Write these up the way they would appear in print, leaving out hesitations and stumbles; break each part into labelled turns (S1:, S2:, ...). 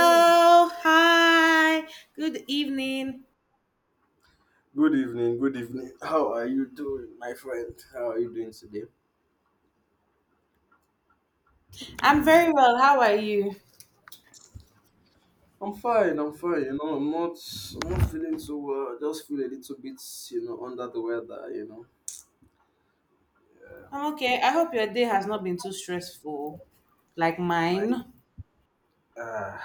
S1: Hello, hi, good evening.
S2: Good evening, good evening. How are you doing, my friend? How are you doing today?
S1: I'm very well. How are you?
S2: I'm fine, I'm fine. You know, I'm not feeling so well. I just feel a little bit, you know, under the weather.
S1: I'm okay. I hope your day has not been too stressful like
S2: My
S1: mine. Now
S2: uh,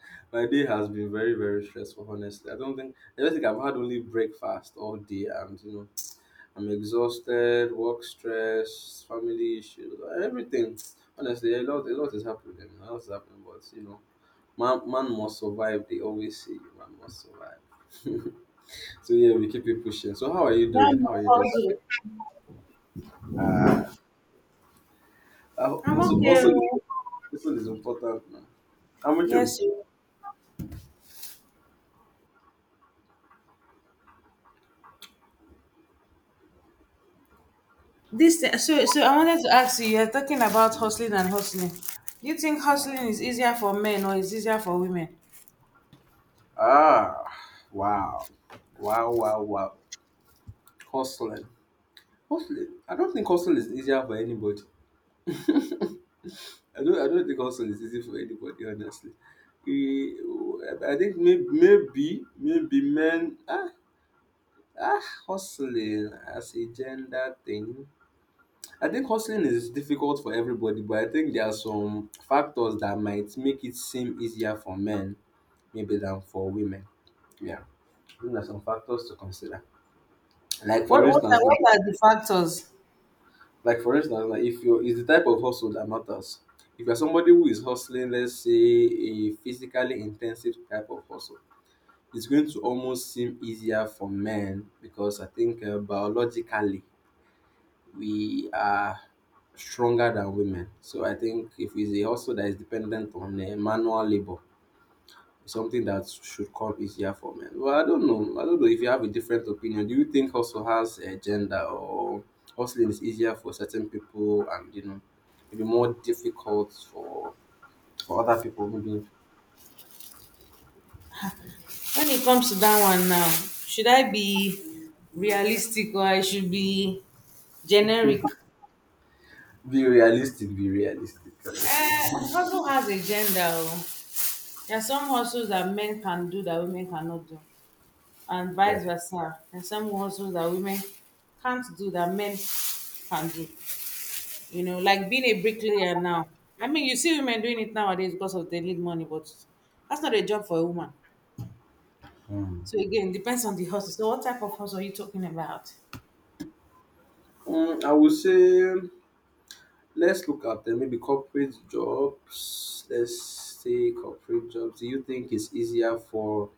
S2: my day has been very, very stressful, honestly. I don't think I've had only breakfast all day and you know, I'm exhausted, work stress, family issues, everything. Honestly, a lot is happening. A lot is happening, but you know. Man must survive. They always say man must survive. So yeah, we keep it pushing. So how are you doing?
S1: I'm
S2: How
S1: on
S2: are you doing?
S1: hustle.
S2: Ah, uh,
S1: I'm
S2: also,
S1: okay.
S2: also,
S1: Oh.
S2: Also is important. Man. How am you.
S1: Yes. Oh. This so so I wanted to ask you. You're talking about hustling and hustling. Do you think hustling is easier for men or is easier for women?
S2: Ah, wow, wow, wow, wow. Hustling, hustling. I don't think hustling is easier for anybody. I don't. I don't think hustling is easy for anybody. Honestly, we, I think maybe men. Hustling as a gender thing. I think hustling is difficult for everybody, but I think there are some factors that might make it seem easier for men maybe than for women. Yeah, I think there are some factors to consider. Like
S1: What
S2: for
S1: what are
S2: instance,
S1: what
S2: now,
S1: are the factors
S2: like for instance, like if you is the type of hustle that matters. If you're somebody who is hustling, let's say a physically intensive type of hustle, it's going to almost seem easier for men because I think biologically we are stronger than women. So I think if it's a hustle that is dependent on manual labor, it's something that should come easier for men. Well, I don't know. I don't know if you have a different opinion. Do you think hustle has a gender or hustling is easier for certain people and you know maybe more difficult for other people? Maybe
S1: when it comes to that one now? Should I be realistic or I should be generic?
S2: be realistic, be realistic, honestly.
S1: Hustle has a gender. Oh. There are some hustles that men can do that women cannot do, and
S2: Yeah.
S1: vice versa. And some hustles that women can't do that men can do. You know, like being a bricklayer now. I mean, you see women doing it nowadays because of they need money, but that's not a job for a woman.
S2: Hmm.
S1: So again, depends on the hustle. So what type of hustle are you talking about?
S2: Mm, I would say. Let's look at them. Maybe corporate jobs. Let's say corporate jobs. Do you think it's easier for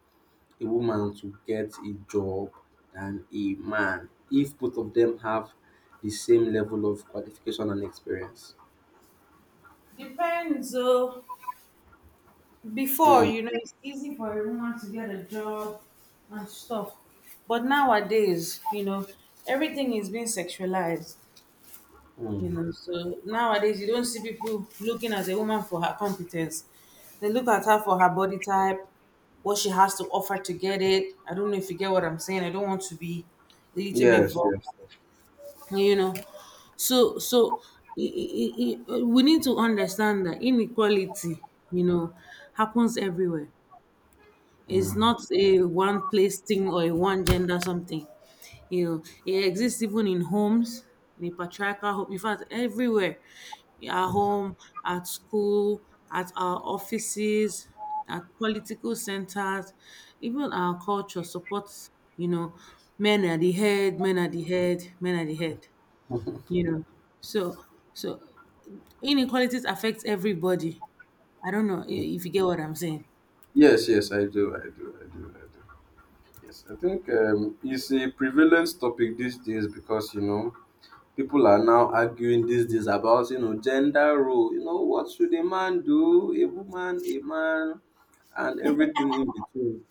S2: a woman to get a job than a man if both of them have the same level of qualification and experience?
S1: Depends. Oh, before,
S2: Hmm.
S1: you know, it's easy for a woman to get a job and stuff. But nowadays, you know, everything is being sexualized, you
S2: Hmm.
S1: know. So nowadays, you don't see people looking at a woman for her competence. They look at her for her body type, what she has to offer to get it. I don't know if you get what I'm saying. I don't want to be a little bit
S2: Yes,
S1: vulgar,
S2: yes.
S1: you know. So, so we need to understand that inequality, you know, happens everywhere.
S2: Hmm.
S1: It's not a one place thing or a one gender something. You know, it exists even in homes, in a patriarchal home. In fact, everywhere, at home, at school, at our offices, at political centers, even our culture supports. You know, men are the head, men are the head, men are the head. You know, so so inequalities affects everybody. I don't know if you get what I'm saying.
S2: Yes, yes, I do, I do, I do, I do. Yes, I think it's a prevalent topic these days because you know people are now arguing these days about you know gender role. You know what should a man do, a woman, a man, and everything in between.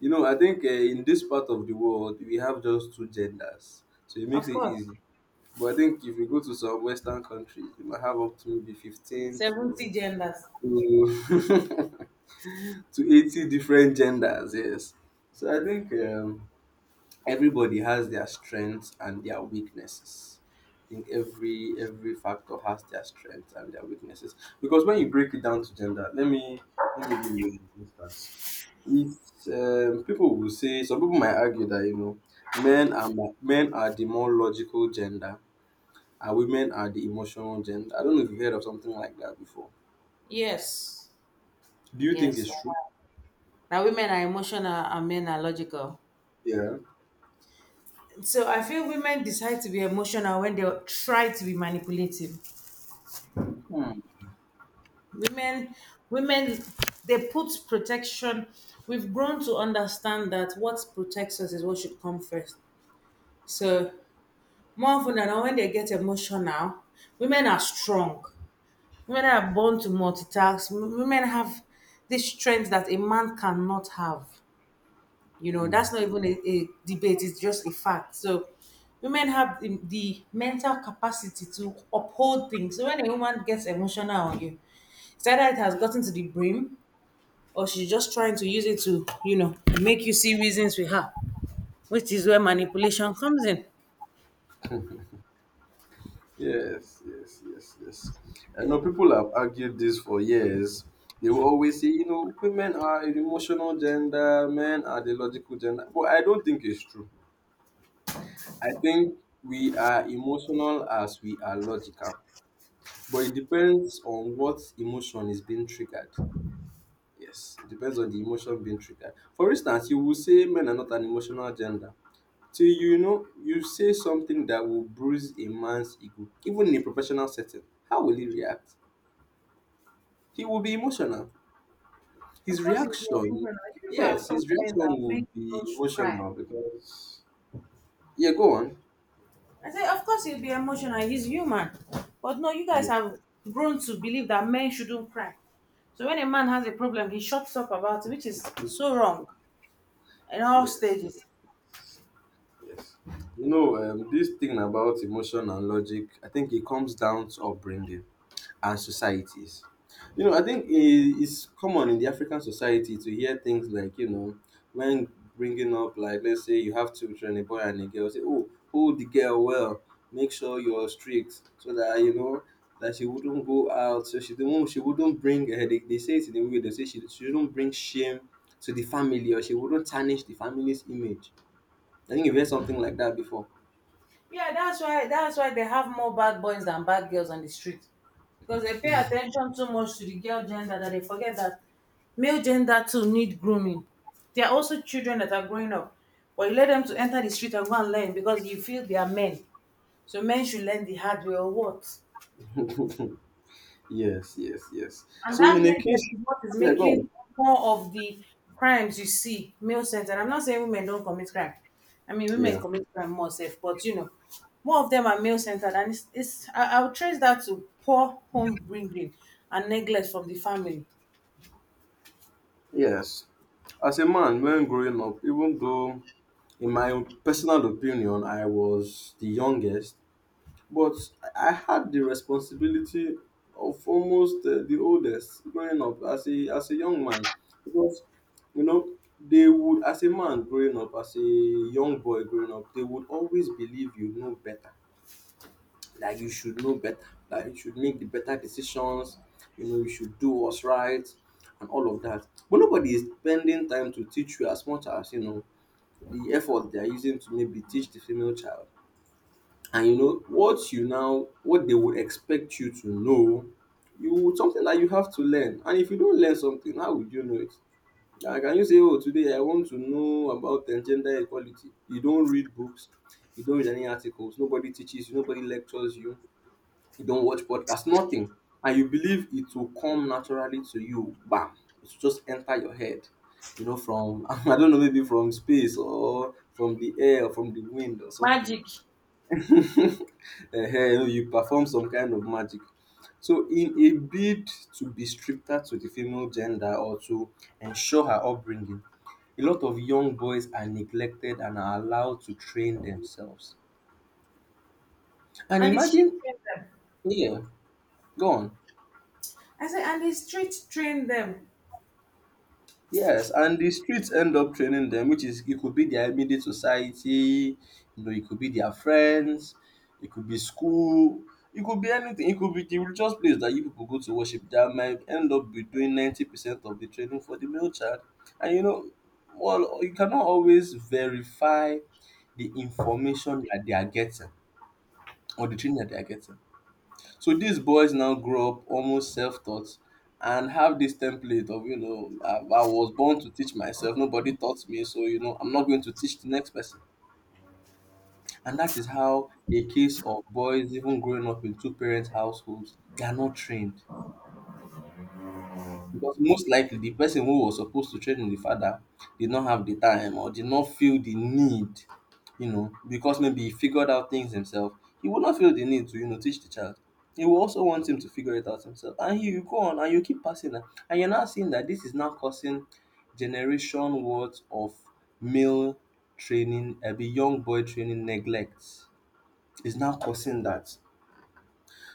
S2: You know, I think in this part of the world we have just two genders, so it makes
S1: Of
S2: it
S1: course.
S2: easy. But I think if you go to some Western countries, you might have up to maybe 15
S1: 70
S2: to
S1: genders.
S2: to, to 80 different genders. Yes, so I think. Everybody has their strengths and their weaknesses. I think every factor has their strengths and their weaknesses. Because when you break it down to gender, let me give you an instance. If people will say some people might argue that you know men are the more logical gender and women are the emotional gender. I don't know if you've heard of something like that before.
S1: Yes.
S2: Do you think it's
S1: Yes.
S2: true?
S1: Now women are emotional and men are logical.
S2: Yeah.
S1: So I feel women decide to be emotional when they try to be manipulative.
S2: Hmm.
S1: Women, women they put protection. We've grown to understand that what protects us is what should come first. So more often than not, when they get emotional, women are strong. Women are born to multitask. Women have this strength that a man cannot have. You know, that's
S2: Hmm.
S1: not even a debate, it's just a fact. So women have the mental capacity to uphold things. So when a woman gets emotional on you, it's either it has gotten to the brim or she's just trying to use it to, you know, make you see reasons with her, which is where manipulation comes in.
S2: Yes, yes, yes, yes. I know people have argued this for years. They will always say, you know, women are an emotional gender, men are the logical gender. But I don't think it's true. I think we are emotional as we are logical. But it depends on what emotion is being triggered. Yes, it depends on the emotion being triggered. For instance, you will say men are not an emotional gender. So you know, you say something that will bruise a man's ego, even in a professional setting. How will he react? He will be emotional.
S1: Of
S2: His
S1: course, it will be
S2: reaction,
S1: emotional. You people have
S2: yes,
S1: taught
S2: his
S1: men
S2: reaction
S1: that men
S2: will
S1: do
S2: be
S1: not cry.
S2: emotional because, yeah, go on.
S1: I said, of course he'll be emotional. He's human. But no, you guys
S2: Yeah,
S1: have grown to believe that men shouldn't cry. So when a man has a problem, he shuts up about it, which is so wrong in all
S2: yes,
S1: stages.
S2: yes. You know, this thing about emotion and logic, I think it comes down to upbringing and societies. You know, I think it's common in the African society to hear things like, you know, when bringing up, like, let's say you have two children, a boy and a girl, say, oh, hold the girl well, make sure you're strict so that, you know, that she wouldn't go out, so she wouldn't bring, they say it in the movie, they say she wouldn't bring shame to the family or she wouldn't tarnish the family's image. I think you've heard something like that before.
S1: Yeah, that's why they have more bad boys than bad girls on the street. Because they pay attention too much to the girl gender that they forget that male gender too need grooming. They are also children that are growing up. But you let them to enter the street and go and learn because you feel they are men. So men should learn the hard way or what?
S2: Yes, yes, yes.
S1: And
S2: So
S1: that
S2: in a case,
S1: neglect is what is
S2: yeah, go
S1: making
S2: on.
S1: more of the crimes you see male centered. I'm not saying women don't commit crime. I mean, women
S2: Yeah.
S1: commit crime more safe, but you know, more of them are male centered. And it's, I would trace that to poor home bringing and neglect from the family.
S2: Yes, as a man when growing up, even though in my personal opinion I was the youngest, but I had the responsibility of almost the oldest growing up as a young man because you know they would as a man growing up as a young boy growing up they would always believe you know better that you should know better, that you should make the better decisions, you know, you should do what's right and all of that. But nobody is spending time to teach you as much as, you know, the effort they are using to maybe teach the female child. And you know, what they would expect you to know, you something that you have to learn. And if you don't learn something, how would you know it? Like, can you say, oh, today I want to know about gender equality? You don't read books, you don't read any articles, nobody teaches you, nobody lectures you you don't watch podcast, nothing. And you believe it will come naturally to you. Bam. It will just enter your head. You know, from I don't know, maybe from space or from the air or from the wind or something.
S1: Magic.
S2: uh, you know, you perform some kind of magic. So, in a bid to be stricter to the female gender or to ensure her upbringing, a lot of young boys are neglected and are allowed to train themselves. And
S1: And the street
S2: imagine,
S1: train them.
S2: yeah, go on.
S1: I say, and the street train them.
S2: Yes, and the streets end up training them, which is it could be their immediate society, you know, it could be their friends, it could be school, it could be anything, it could be the religious place that you people go to worship that might end up be doing 90% of the training for the male child. And you know, well, you cannot always verify the information that they are getting or the training that they are getting. So these boys now grow up almost self-taught and have this template of, you know, I was born to teach myself, nobody taught me, so, you know, I'm not going to teach the next person. And that is how a case of boys even growing up in two-parent households, they are not trained. Because most likely the person who was supposed to train the father did not have the time or did not feel the need, you know, because maybe he figured out things himself. He would not feel the need to, you know, teach the child. He will also want him to figure it out himself. And he will go on and you keep passing that. And you're now seeing that this is now causing generation worth of male training, a young boy training neglect. Is now causing that.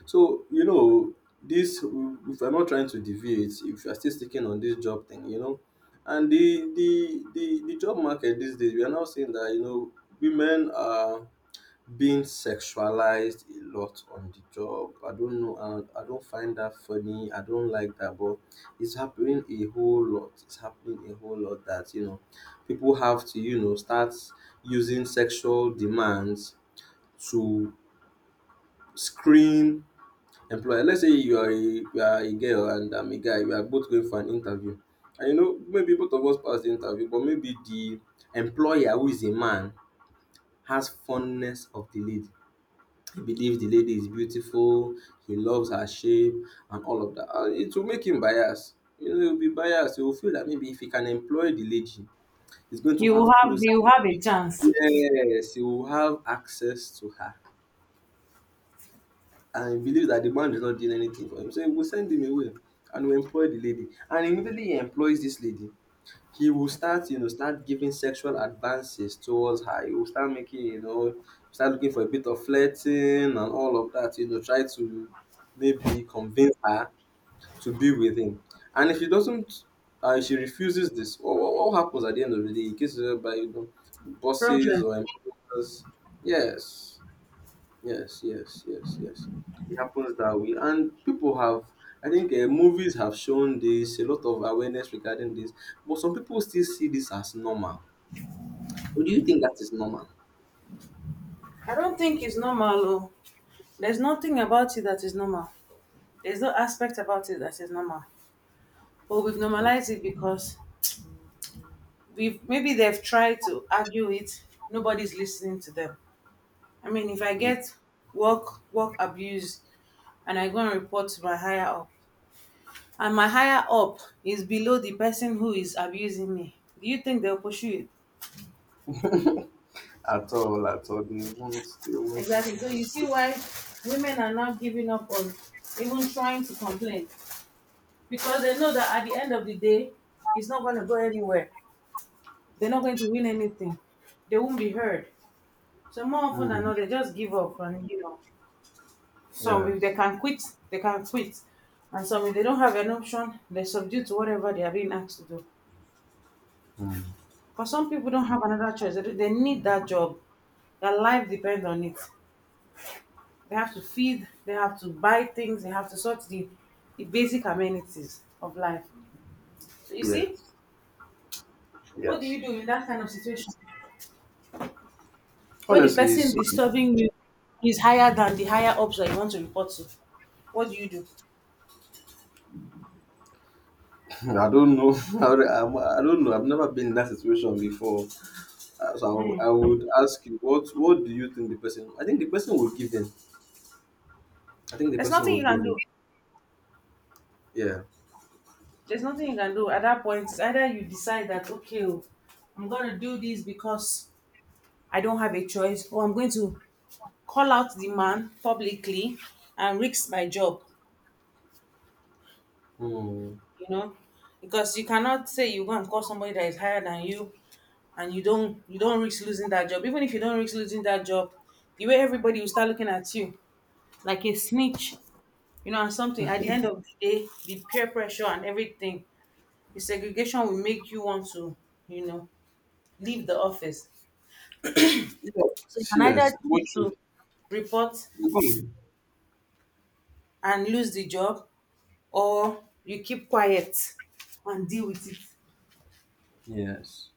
S2: So, you know, this if you're not trying to deviate, if you're still sticking on this job thing, you know, and the job market these days, we are now seeing that you know women are being sexualized a lot on the job. I don't know, I don't find that funny. I don't like that, but it's happening a whole lot. It's happening a whole lot that you know people have to you know start using sexual demands to screen employer. Let's say you are a girl and I'm a guy. We are both going for an interview, and you know maybe both of us pass the interview, but maybe the employer who is a man has fondness of the lady. He believes the lady is beautiful. He loves her shape and all of that. And it will make him biased. You know, he'll be biased. He will feel that maybe if he can employ the lady, he's going to
S1: You will
S2: have
S1: have,
S2: closer.
S1: you will have a chance.
S2: Yes, he will have access to her and he believes that the man is not doing anything for him. So he will send him away and will employ the lady. And immediately he employs this lady, he will start, you know, start giving sexual advances towards her. He will start making, you know, start looking for a bit of flirting and all of that, you know, try to maybe convince her to be with him. And if she doesn't, if she refuses this, what happens at the end of the day? He gets by bosses
S1: Problem.
S2: or employers. Yes. Yes, yes, yes, yes. It happens that way, and people have. I think movies have shown this a lot of awareness regarding this, but some people still see this as normal. Do you think that is normal?
S1: I don't think it's normal. Oh. There's nothing about it that is normal. There's no aspect about it that is normal. But we've
S2: Like,
S1: normalized it because we've maybe they've tried to argue it, nobody's listening to them. I mean, if I
S2: mm.
S1: get work work abuse and I go and report to my higher up, and my higher up is below the person who is abusing me, do you think they'll pursue it?
S2: At all, they won't, they won't.
S1: Exactly. So you see why women are now giving up on even trying to complain because they know that at the end of the day, it's not going to go anywhere. They're not going to win anything. They won't be heard. So more often than
S2: Mm.
S1: not, they just give up and you know, some if they
S2: Yes,
S1: can quit, they can quit. And some if they don't have an option, they subdue to whatever they are being asked to do.
S2: mm.
S1: Because some people don't have another choice. They need that job. Their life depends on it. They have to feed, they have to buy things, they have to sort the basic amenities of life. So you see,
S2: Yes,
S1: what do
S2: yes.
S1: you do in that kind of situation? Where the
S2: Honestly,
S1: person
S2: so,
S1: disturbing you is higher than the higher ups that you want to report to. What do you do?
S2: I don't know. I don't know. I've never been in that situation before. So I would ask you, what do you think the person? I think the person will give in. I think the
S1: There's
S2: person
S1: nothing
S2: will
S1: you
S2: give
S1: can
S2: in.
S1: do.
S2: Yeah.
S1: There's nothing you can do at that point. It's either you decide that okay, oh, I'm gonna do this because I don't have a choice, or I'm going to call out the man publicly and risk my job.
S2: Hmm.
S1: You know, because you cannot say you go and call somebody that is higher than you, and you don't risk losing that job. Even if you don't risk losing that job, the way everybody will start looking at you like a snitch. You know, and something at the end of the day, the peer pressure and everything, the segregation will make you want to, you know, leave the office. So you
S2: Yes,
S1: can either
S2: yes. What
S1: choose
S2: you,
S1: to report
S2: you go.
S1: and lose the job, or you keep quiet and deal with it.
S2: Yes.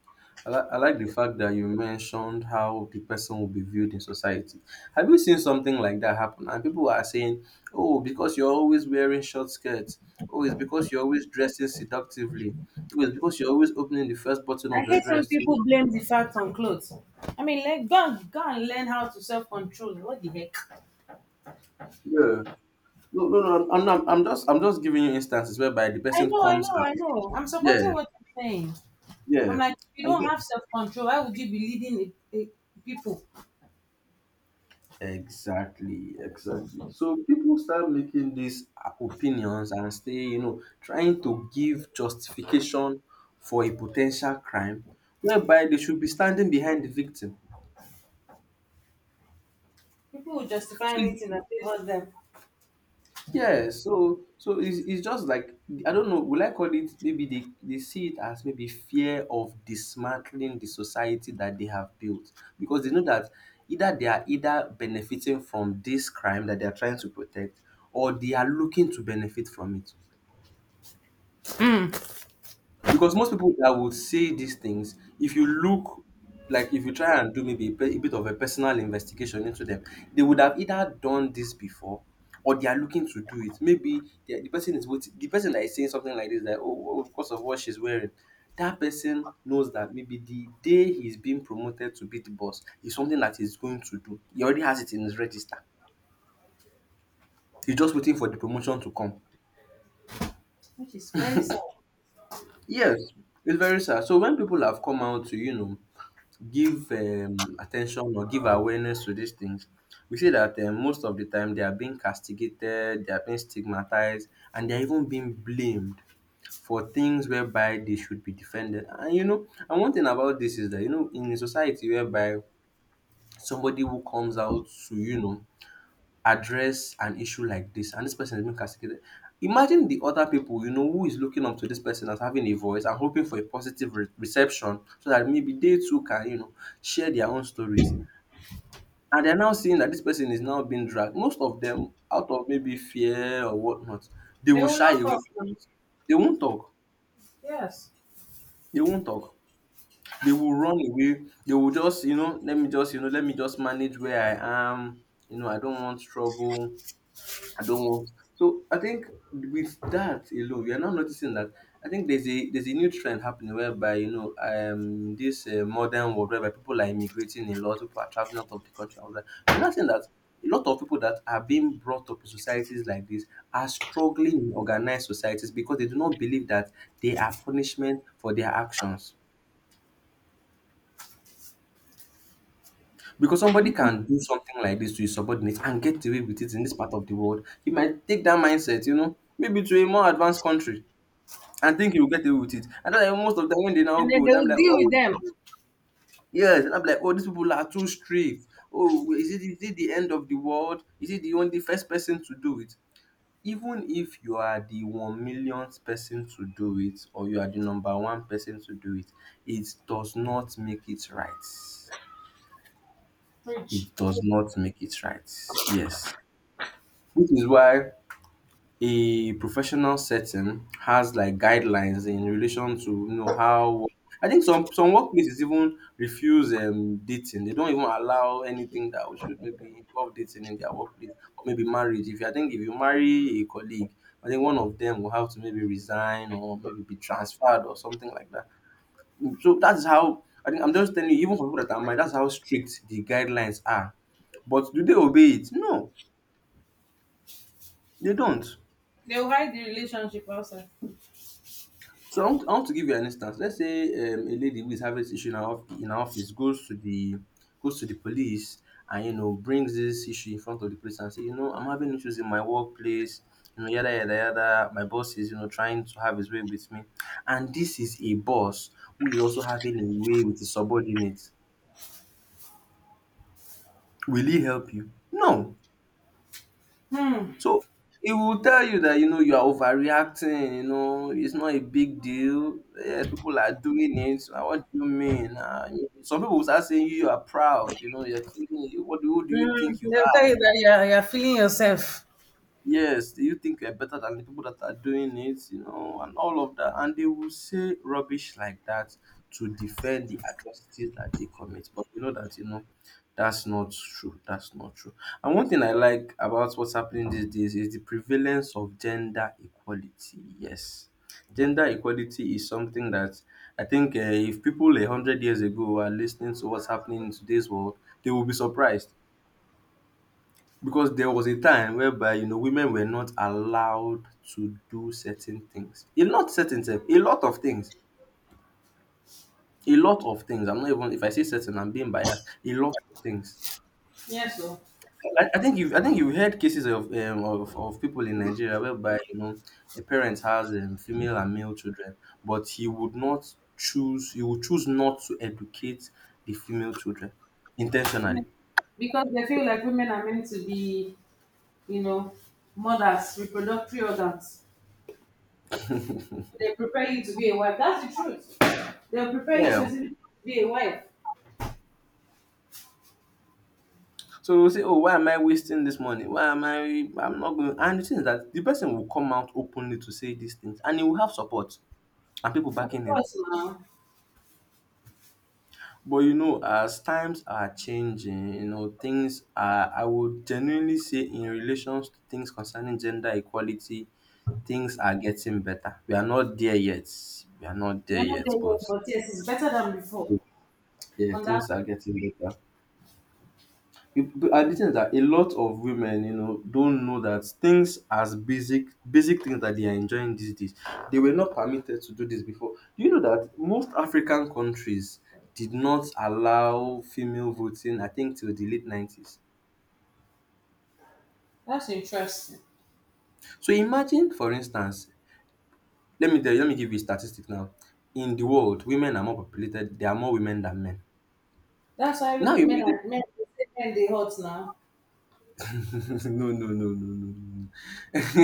S2: I like the fact that you mentioned how the person will be viewed in society. Have you seen something like that happen? And people are saying, oh, because you're always wearing short skirts. Oh, it's because you're always dressing seductively. Oh, it's because you're always opening the first button
S1: I
S2: of your
S1: hate when
S2: dress.
S1: people blame the fact on clothes. I mean, like, go and learn how to self control. What the heck?
S2: Yeah. No, no, no. I'm just giving you instances whereby the
S1: I
S2: person
S1: know, I
S2: comes
S1: know, I
S2: and
S1: know. I'm supporting
S2: yeah,
S1: what you're saying. I'm
S2: yeah.
S1: like, if you
S2: And
S1: don't have self control, why would you be leading people?
S2: exactly, exactly. So people start making these opinions and stay, trying to give justification for a potential crime, whereby they should be standing behind the victim.
S1: People will justify
S2: So it
S1: anything that favors them,
S2: yeah, so it's just like I don't know. Will I call it maybe they see it as maybe fear of dismantling the society that they have built, because they know that either they are either benefiting from this crime that they are trying to protect or they are looking to benefit from it. Because most people that would say these things, if you look, like if you try and do maybe a bit of a personal investigation into them, they would have either done this before or they are looking to do it. Maybe the person is waiting, the person that is saying something like this, that oh, because of what she's wearing, that person knows that maybe the day he's being promoted to be the boss is something that he's going to do. He already has it in his register. He's just waiting for the promotion to come.
S1: which is very sad.
S2: Yes, it's very sad. So when people have come out to, you know, give attention or give awareness to these things, we see that most of the time they are being castigated, they are being stigmatized, and they're even being blamed for things whereby they should be defended. And you know, and one thing about this is that, you know, in a society whereby somebody who comes out to, you know, address an issue like this, and this person is being castigated. Imagine the other people, you know, who is looking up to this person as having a voice and hoping for a positive reception, so that maybe they too can, you know, share their own stories, and they're now seeing that this person is now being dragged. Most of them, out of maybe fear or whatnot, they
S1: They
S2: will
S1: will
S2: shy
S1: lock
S2: away
S1: up.
S2: from
S1: Now.
S2: it. They won't talk.
S1: Yes.
S2: They won't talk. They will run away. They will just, let me just, let me just manage where I am. You know, I don't want trouble. I don't want. So I think with that alone, we are now noticing that I think there's a new trend happening whereby, this modern world whereby people are immigrating a lot, people are traveling out of the country, and all that. We're not saying that a lot of people that are being brought up in societies like this are struggling in organized societies because they do not believe that they are punishment for their actions. Because somebody can do something like this to his subordinates and get away with it in this part of the world, he might take that mindset, you know, maybe to a more advanced country and think he will get away with it. And then, like, most of the time when they now
S1: And then
S2: go,
S1: they
S2: then I'm
S1: will
S2: like,
S1: deal
S2: oh
S1: with them.
S2: yes, and I'm like, oh, these people are too strict. Oh, is it, is it the end of the world? Is it the only first person to do it? Even if you are the one millionth person to do it, or you are the number one person to do it, it does not make it right.
S1: Preach.
S2: It does not make it right. Yes, which is why a professional setting has, like, guidelines in relation to, you know, how I think some workplaces even refuse dating. They don't even allow anything that should maybe involve dating in their workplace, or maybe marriage. If you, I think if you marry a colleague, I think one of them will have to maybe resign or maybe be transferred or something like that. So that's how, I think, I'm just telling you, even for people that are married, that's how strict the guidelines are. But do they obey it? No, they don't.
S1: They'll hide the relationship also.
S2: So I want, I want to give you an instance. Let's say a lady who is having this issue in her, in her office, goes to the police, and, you know, brings this issue in front of the police and say, you know, I'm having issues in my workplace. You know, yada yada yada. My boss is, you know, trying to have his way with me, and this is a boss who is also having a way with his subordinates. Will he help you? No.
S1: Hmm.
S2: So he will tell you that, you know, you are overreacting, you know, it's not a big deal. Yes, people are doing it. Ah, what do you mean? Ah, you- some people will start saying you are proud, you know, you're thinking, what do, who do you
S1: Mm,
S2: think you,
S1: they'll tell you that you're feeling yourself.
S2: yes, do you think you're better than the people that are doing it, you know, and all of that. And they will say rubbish like that to defend the atrocities that they commit. But you know that, you know, that's not true. That's not true. And one thing I like about what's happening these days is the prevalence of gender equality. Yes. Gender equality is something that I think, if people 100 years ago are listening to what's happening in today's world, they will be surprised, because there was a time whereby, you know, women were not allowed to do certain things. A lot, certain things, a lot of things. A lot of things. I'm not, even if I say certain, I'm being biased. A lot of things.
S1: Yes, so
S2: I think you've heard cases of people in Nigeria whereby, you know, a parent has female and male children, but he would not choose he would choose not to educate the female children intentionally.
S1: because they feel like women are meant to be, you know, mothers, reproductive organs. They prepare you to be a wife. That's the truth. They'll prepare you
S2: Yeah.
S1: specifically to be a wife.
S2: So you say, oh, why am I wasting this money, why am I, I'm not going, and the thing is that the person will come out openly to say these things, and he will have support and people
S1: Of
S2: backing him.
S1: course, now
S2: But you know, as times are changing, you know, things are, I would genuinely say, in relations to things concerning gender equality, things are getting better. We are not there yet, we are not there
S1: you're not there
S2: yet,
S1: yet,
S2: but
S1: but yes, it's better than before.
S2: yeah,
S1: On that,
S2: things are getting better. You- b- and the thing is that a lot of women, you know, don't know that things, as basic, basic things that they are enjoying these days, they were not permitted to do this before. Do you know that most African countries did not allow female voting, I think, till the late 90s?
S1: that's interesting.
S2: So imagine, for instance, let me tell you, let me give you a statistic now. In the world, women are more populated, there are more women than men.
S1: That's why
S2: Now
S1: men
S2: you
S1: are men. They say men they hot now.
S2: no, no, no, no, no, no. No.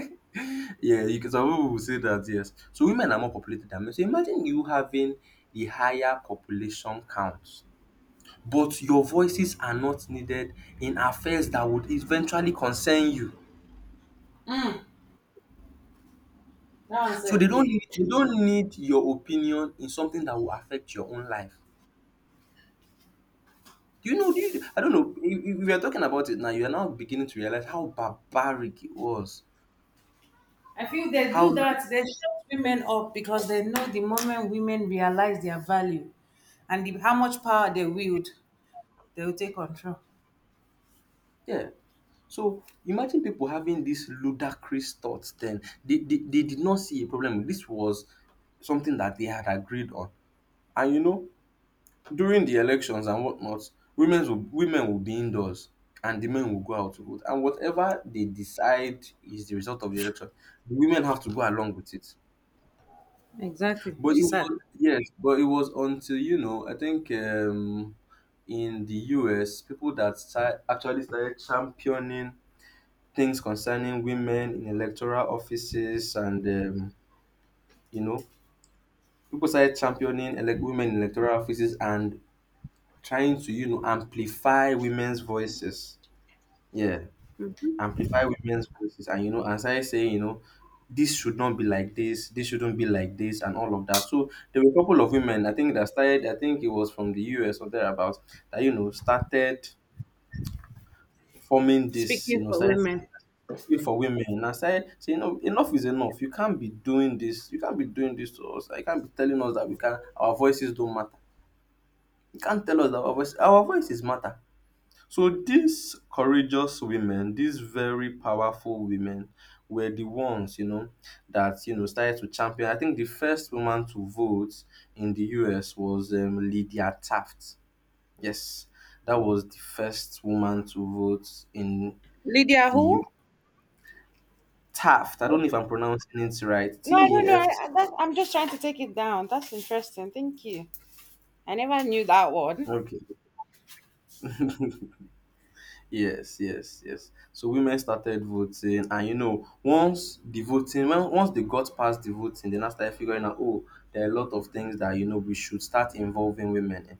S2: Yeah, you can, some people will say that, yes. So women are more populated than men. So imagine you having the higher population count, but your voices are not needed in affairs that would eventually concern you.
S1: Mm, that one
S2: So
S1: said they.
S2: they don't need your opinion in something that will affect your own life. Do you know? Do you, I don't know. If we are talking about it now, you are now beginning to realize how barbaric it was.
S1: I feel they
S2: How
S1: do that. They shut women up because they know the moment women realize their value and the, how much power they wield, they will take control.
S2: yeah. So imagine people having these ludicrous thoughts then. They did not see a problem. This was something that they had agreed on. And you know, during the elections and whatnot, women will be indoors, and the men will go out to vote. And whatever they decide is the result of the election, the women have to go along with it.
S1: Exactly,
S2: But
S1: which
S2: it
S1: is sad.
S2: was, yes, but it was until, I think in the US, people that actually started championing things concerning women in electoral offices and you know people started championing women in electoral offices, and trying to amplify women's yeah voices, and started saying, this should not be like this, and all of that. So there were a couple of women, I think, that started. I think it was from the US or thereabouts that started forming this
S1: Speaking
S2: you know
S1: for
S2: started
S1: women,
S2: especially for women. And I said, say enough is enough. You can't be doing this, you can't be doing this to us. You can't be telling us that we can our voices don't matter. You can't tell us that our voices matter. So these courageous women, these very powerful women, were the ones, that started to champion. I think the first woman to vote in the US was Lydia Taft. Yes, that was the first woman to vote in
S1: Lydia,
S2: the
S1: who?
S2: Taft. I don't know if I'm pronouncing it right.
S1: No, I
S2: T
S1: don't
S2: A
S1: know.
S2: F T.
S1: I'm just trying to take it down. That's interesting. Thank you. I never knew that one.
S2: Okay. Yes, yes, yes. So women started voting, and once the voting, when once they got past the voting, then now started figuring out, oh, there are a lot of things that we should start involving women in.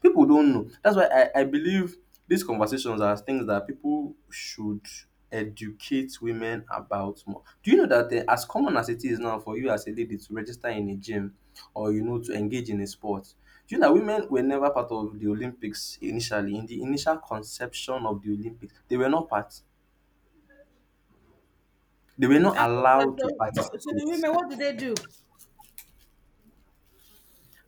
S2: People don't know. That's why I believe these conversations are things that people should educate women about more. Do you know that as common as it is now for you as a lady to register in a gym or to engage in a sport, do you know that women were never part of the Olympics initially? In the initial conception of the Olympics, they were not part. They were not
S1: That's so
S2: allowed to
S1: sad. So, so
S2: participate.
S1: women, what do they do?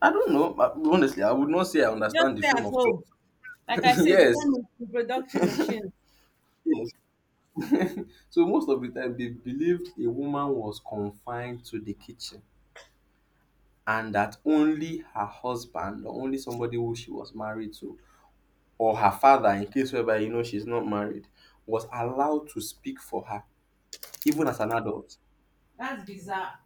S2: I don't know, but honestly, I would not say I
S1: Just
S2: understand the
S1: stay
S2: frame
S1: at
S2: of
S1: home.
S2: thought.
S1: Like I said, become
S2: Yes,
S1: a reproductory machine.
S2: yes. So most of the time they believed a woman was confined to the kitchen, and that only her husband or only somebody who she was married to, or her father in case whereby she's not married, was allowed to speak for her, even as an adult.
S1: That's bizarre.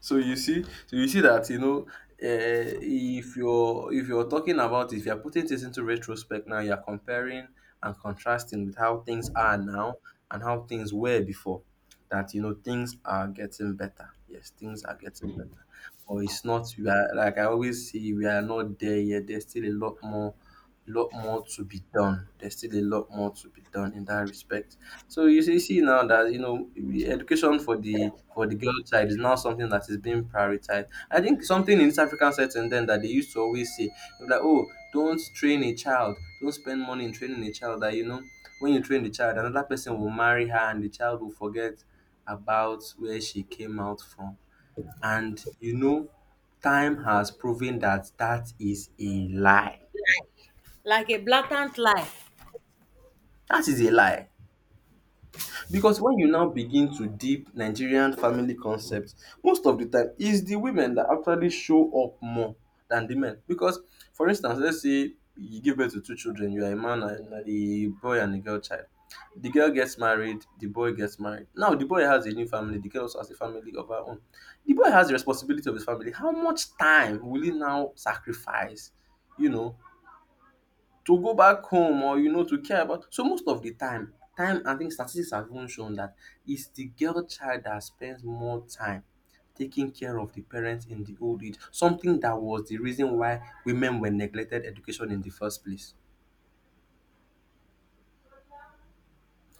S2: So you see that if you're talking about it, if you're putting this into retrospect now, you're comparing and contrasting with how things are now and how things were before. That things are getting better. Yes, things are getting better, but it's not. We are, like I always say, we are not there yet. There's still a lot more to be done. There's still a lot more to be done in that respect. So you see now that the education for the girl child is now something that is being prioritized. I think something in East African setting then that they used to always say, like, oh, don't train a child, don't spend money in training a child. That when you train the child, another person will marry her and the child will forget about where she came out from. And time has proven that that is a lie.
S1: Like a blatant lie.
S2: That is a lie. Because when you now begin to deep Nigerian family concepts, most of the time it's the women that actually show up more than the men. Because, for instance, let's say you give birth to two children, you are a man and a boy and a girl child. The girl gets married, the boy gets married. Now the boy has a new family, the girl also has a family of her own. The boy has the responsibility of his family. How much time will he now sacrifice, You know, to go back home or to care about? So most of the time and things, statistics have even shown that it's the girl child that spends more time taking care of the parents in the old age, something that was the reason why women were neglected education in the first place.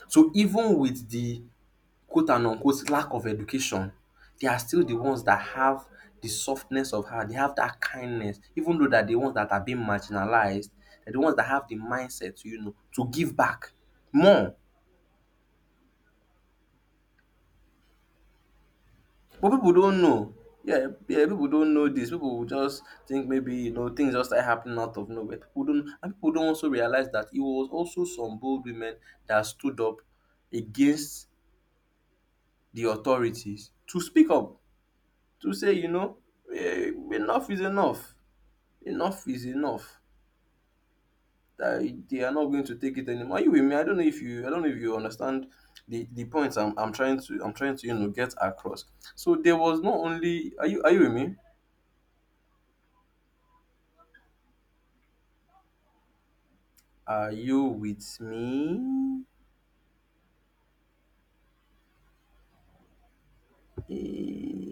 S2: So even with the quote and unquote lack of education, they are still the ones that have the softness of heart, they have that kindness, even though that the ones that are being marginalized, they're the ones that have the mindset, to give back more. But people don't know. Yeah, yeah, people don't know this. People will just think maybe things just start happening out of nowhere. People don't, and people don't also realize that it was also some bold women that stood up against the authorities to speak up, to say, enough is enough. Enough is enough. That they are not going to take it anymore. Are you with me? I don't know if you I don't know if you understand the points I'm trying to, get across. So there was not only Are you with me? Are you with me? Eh.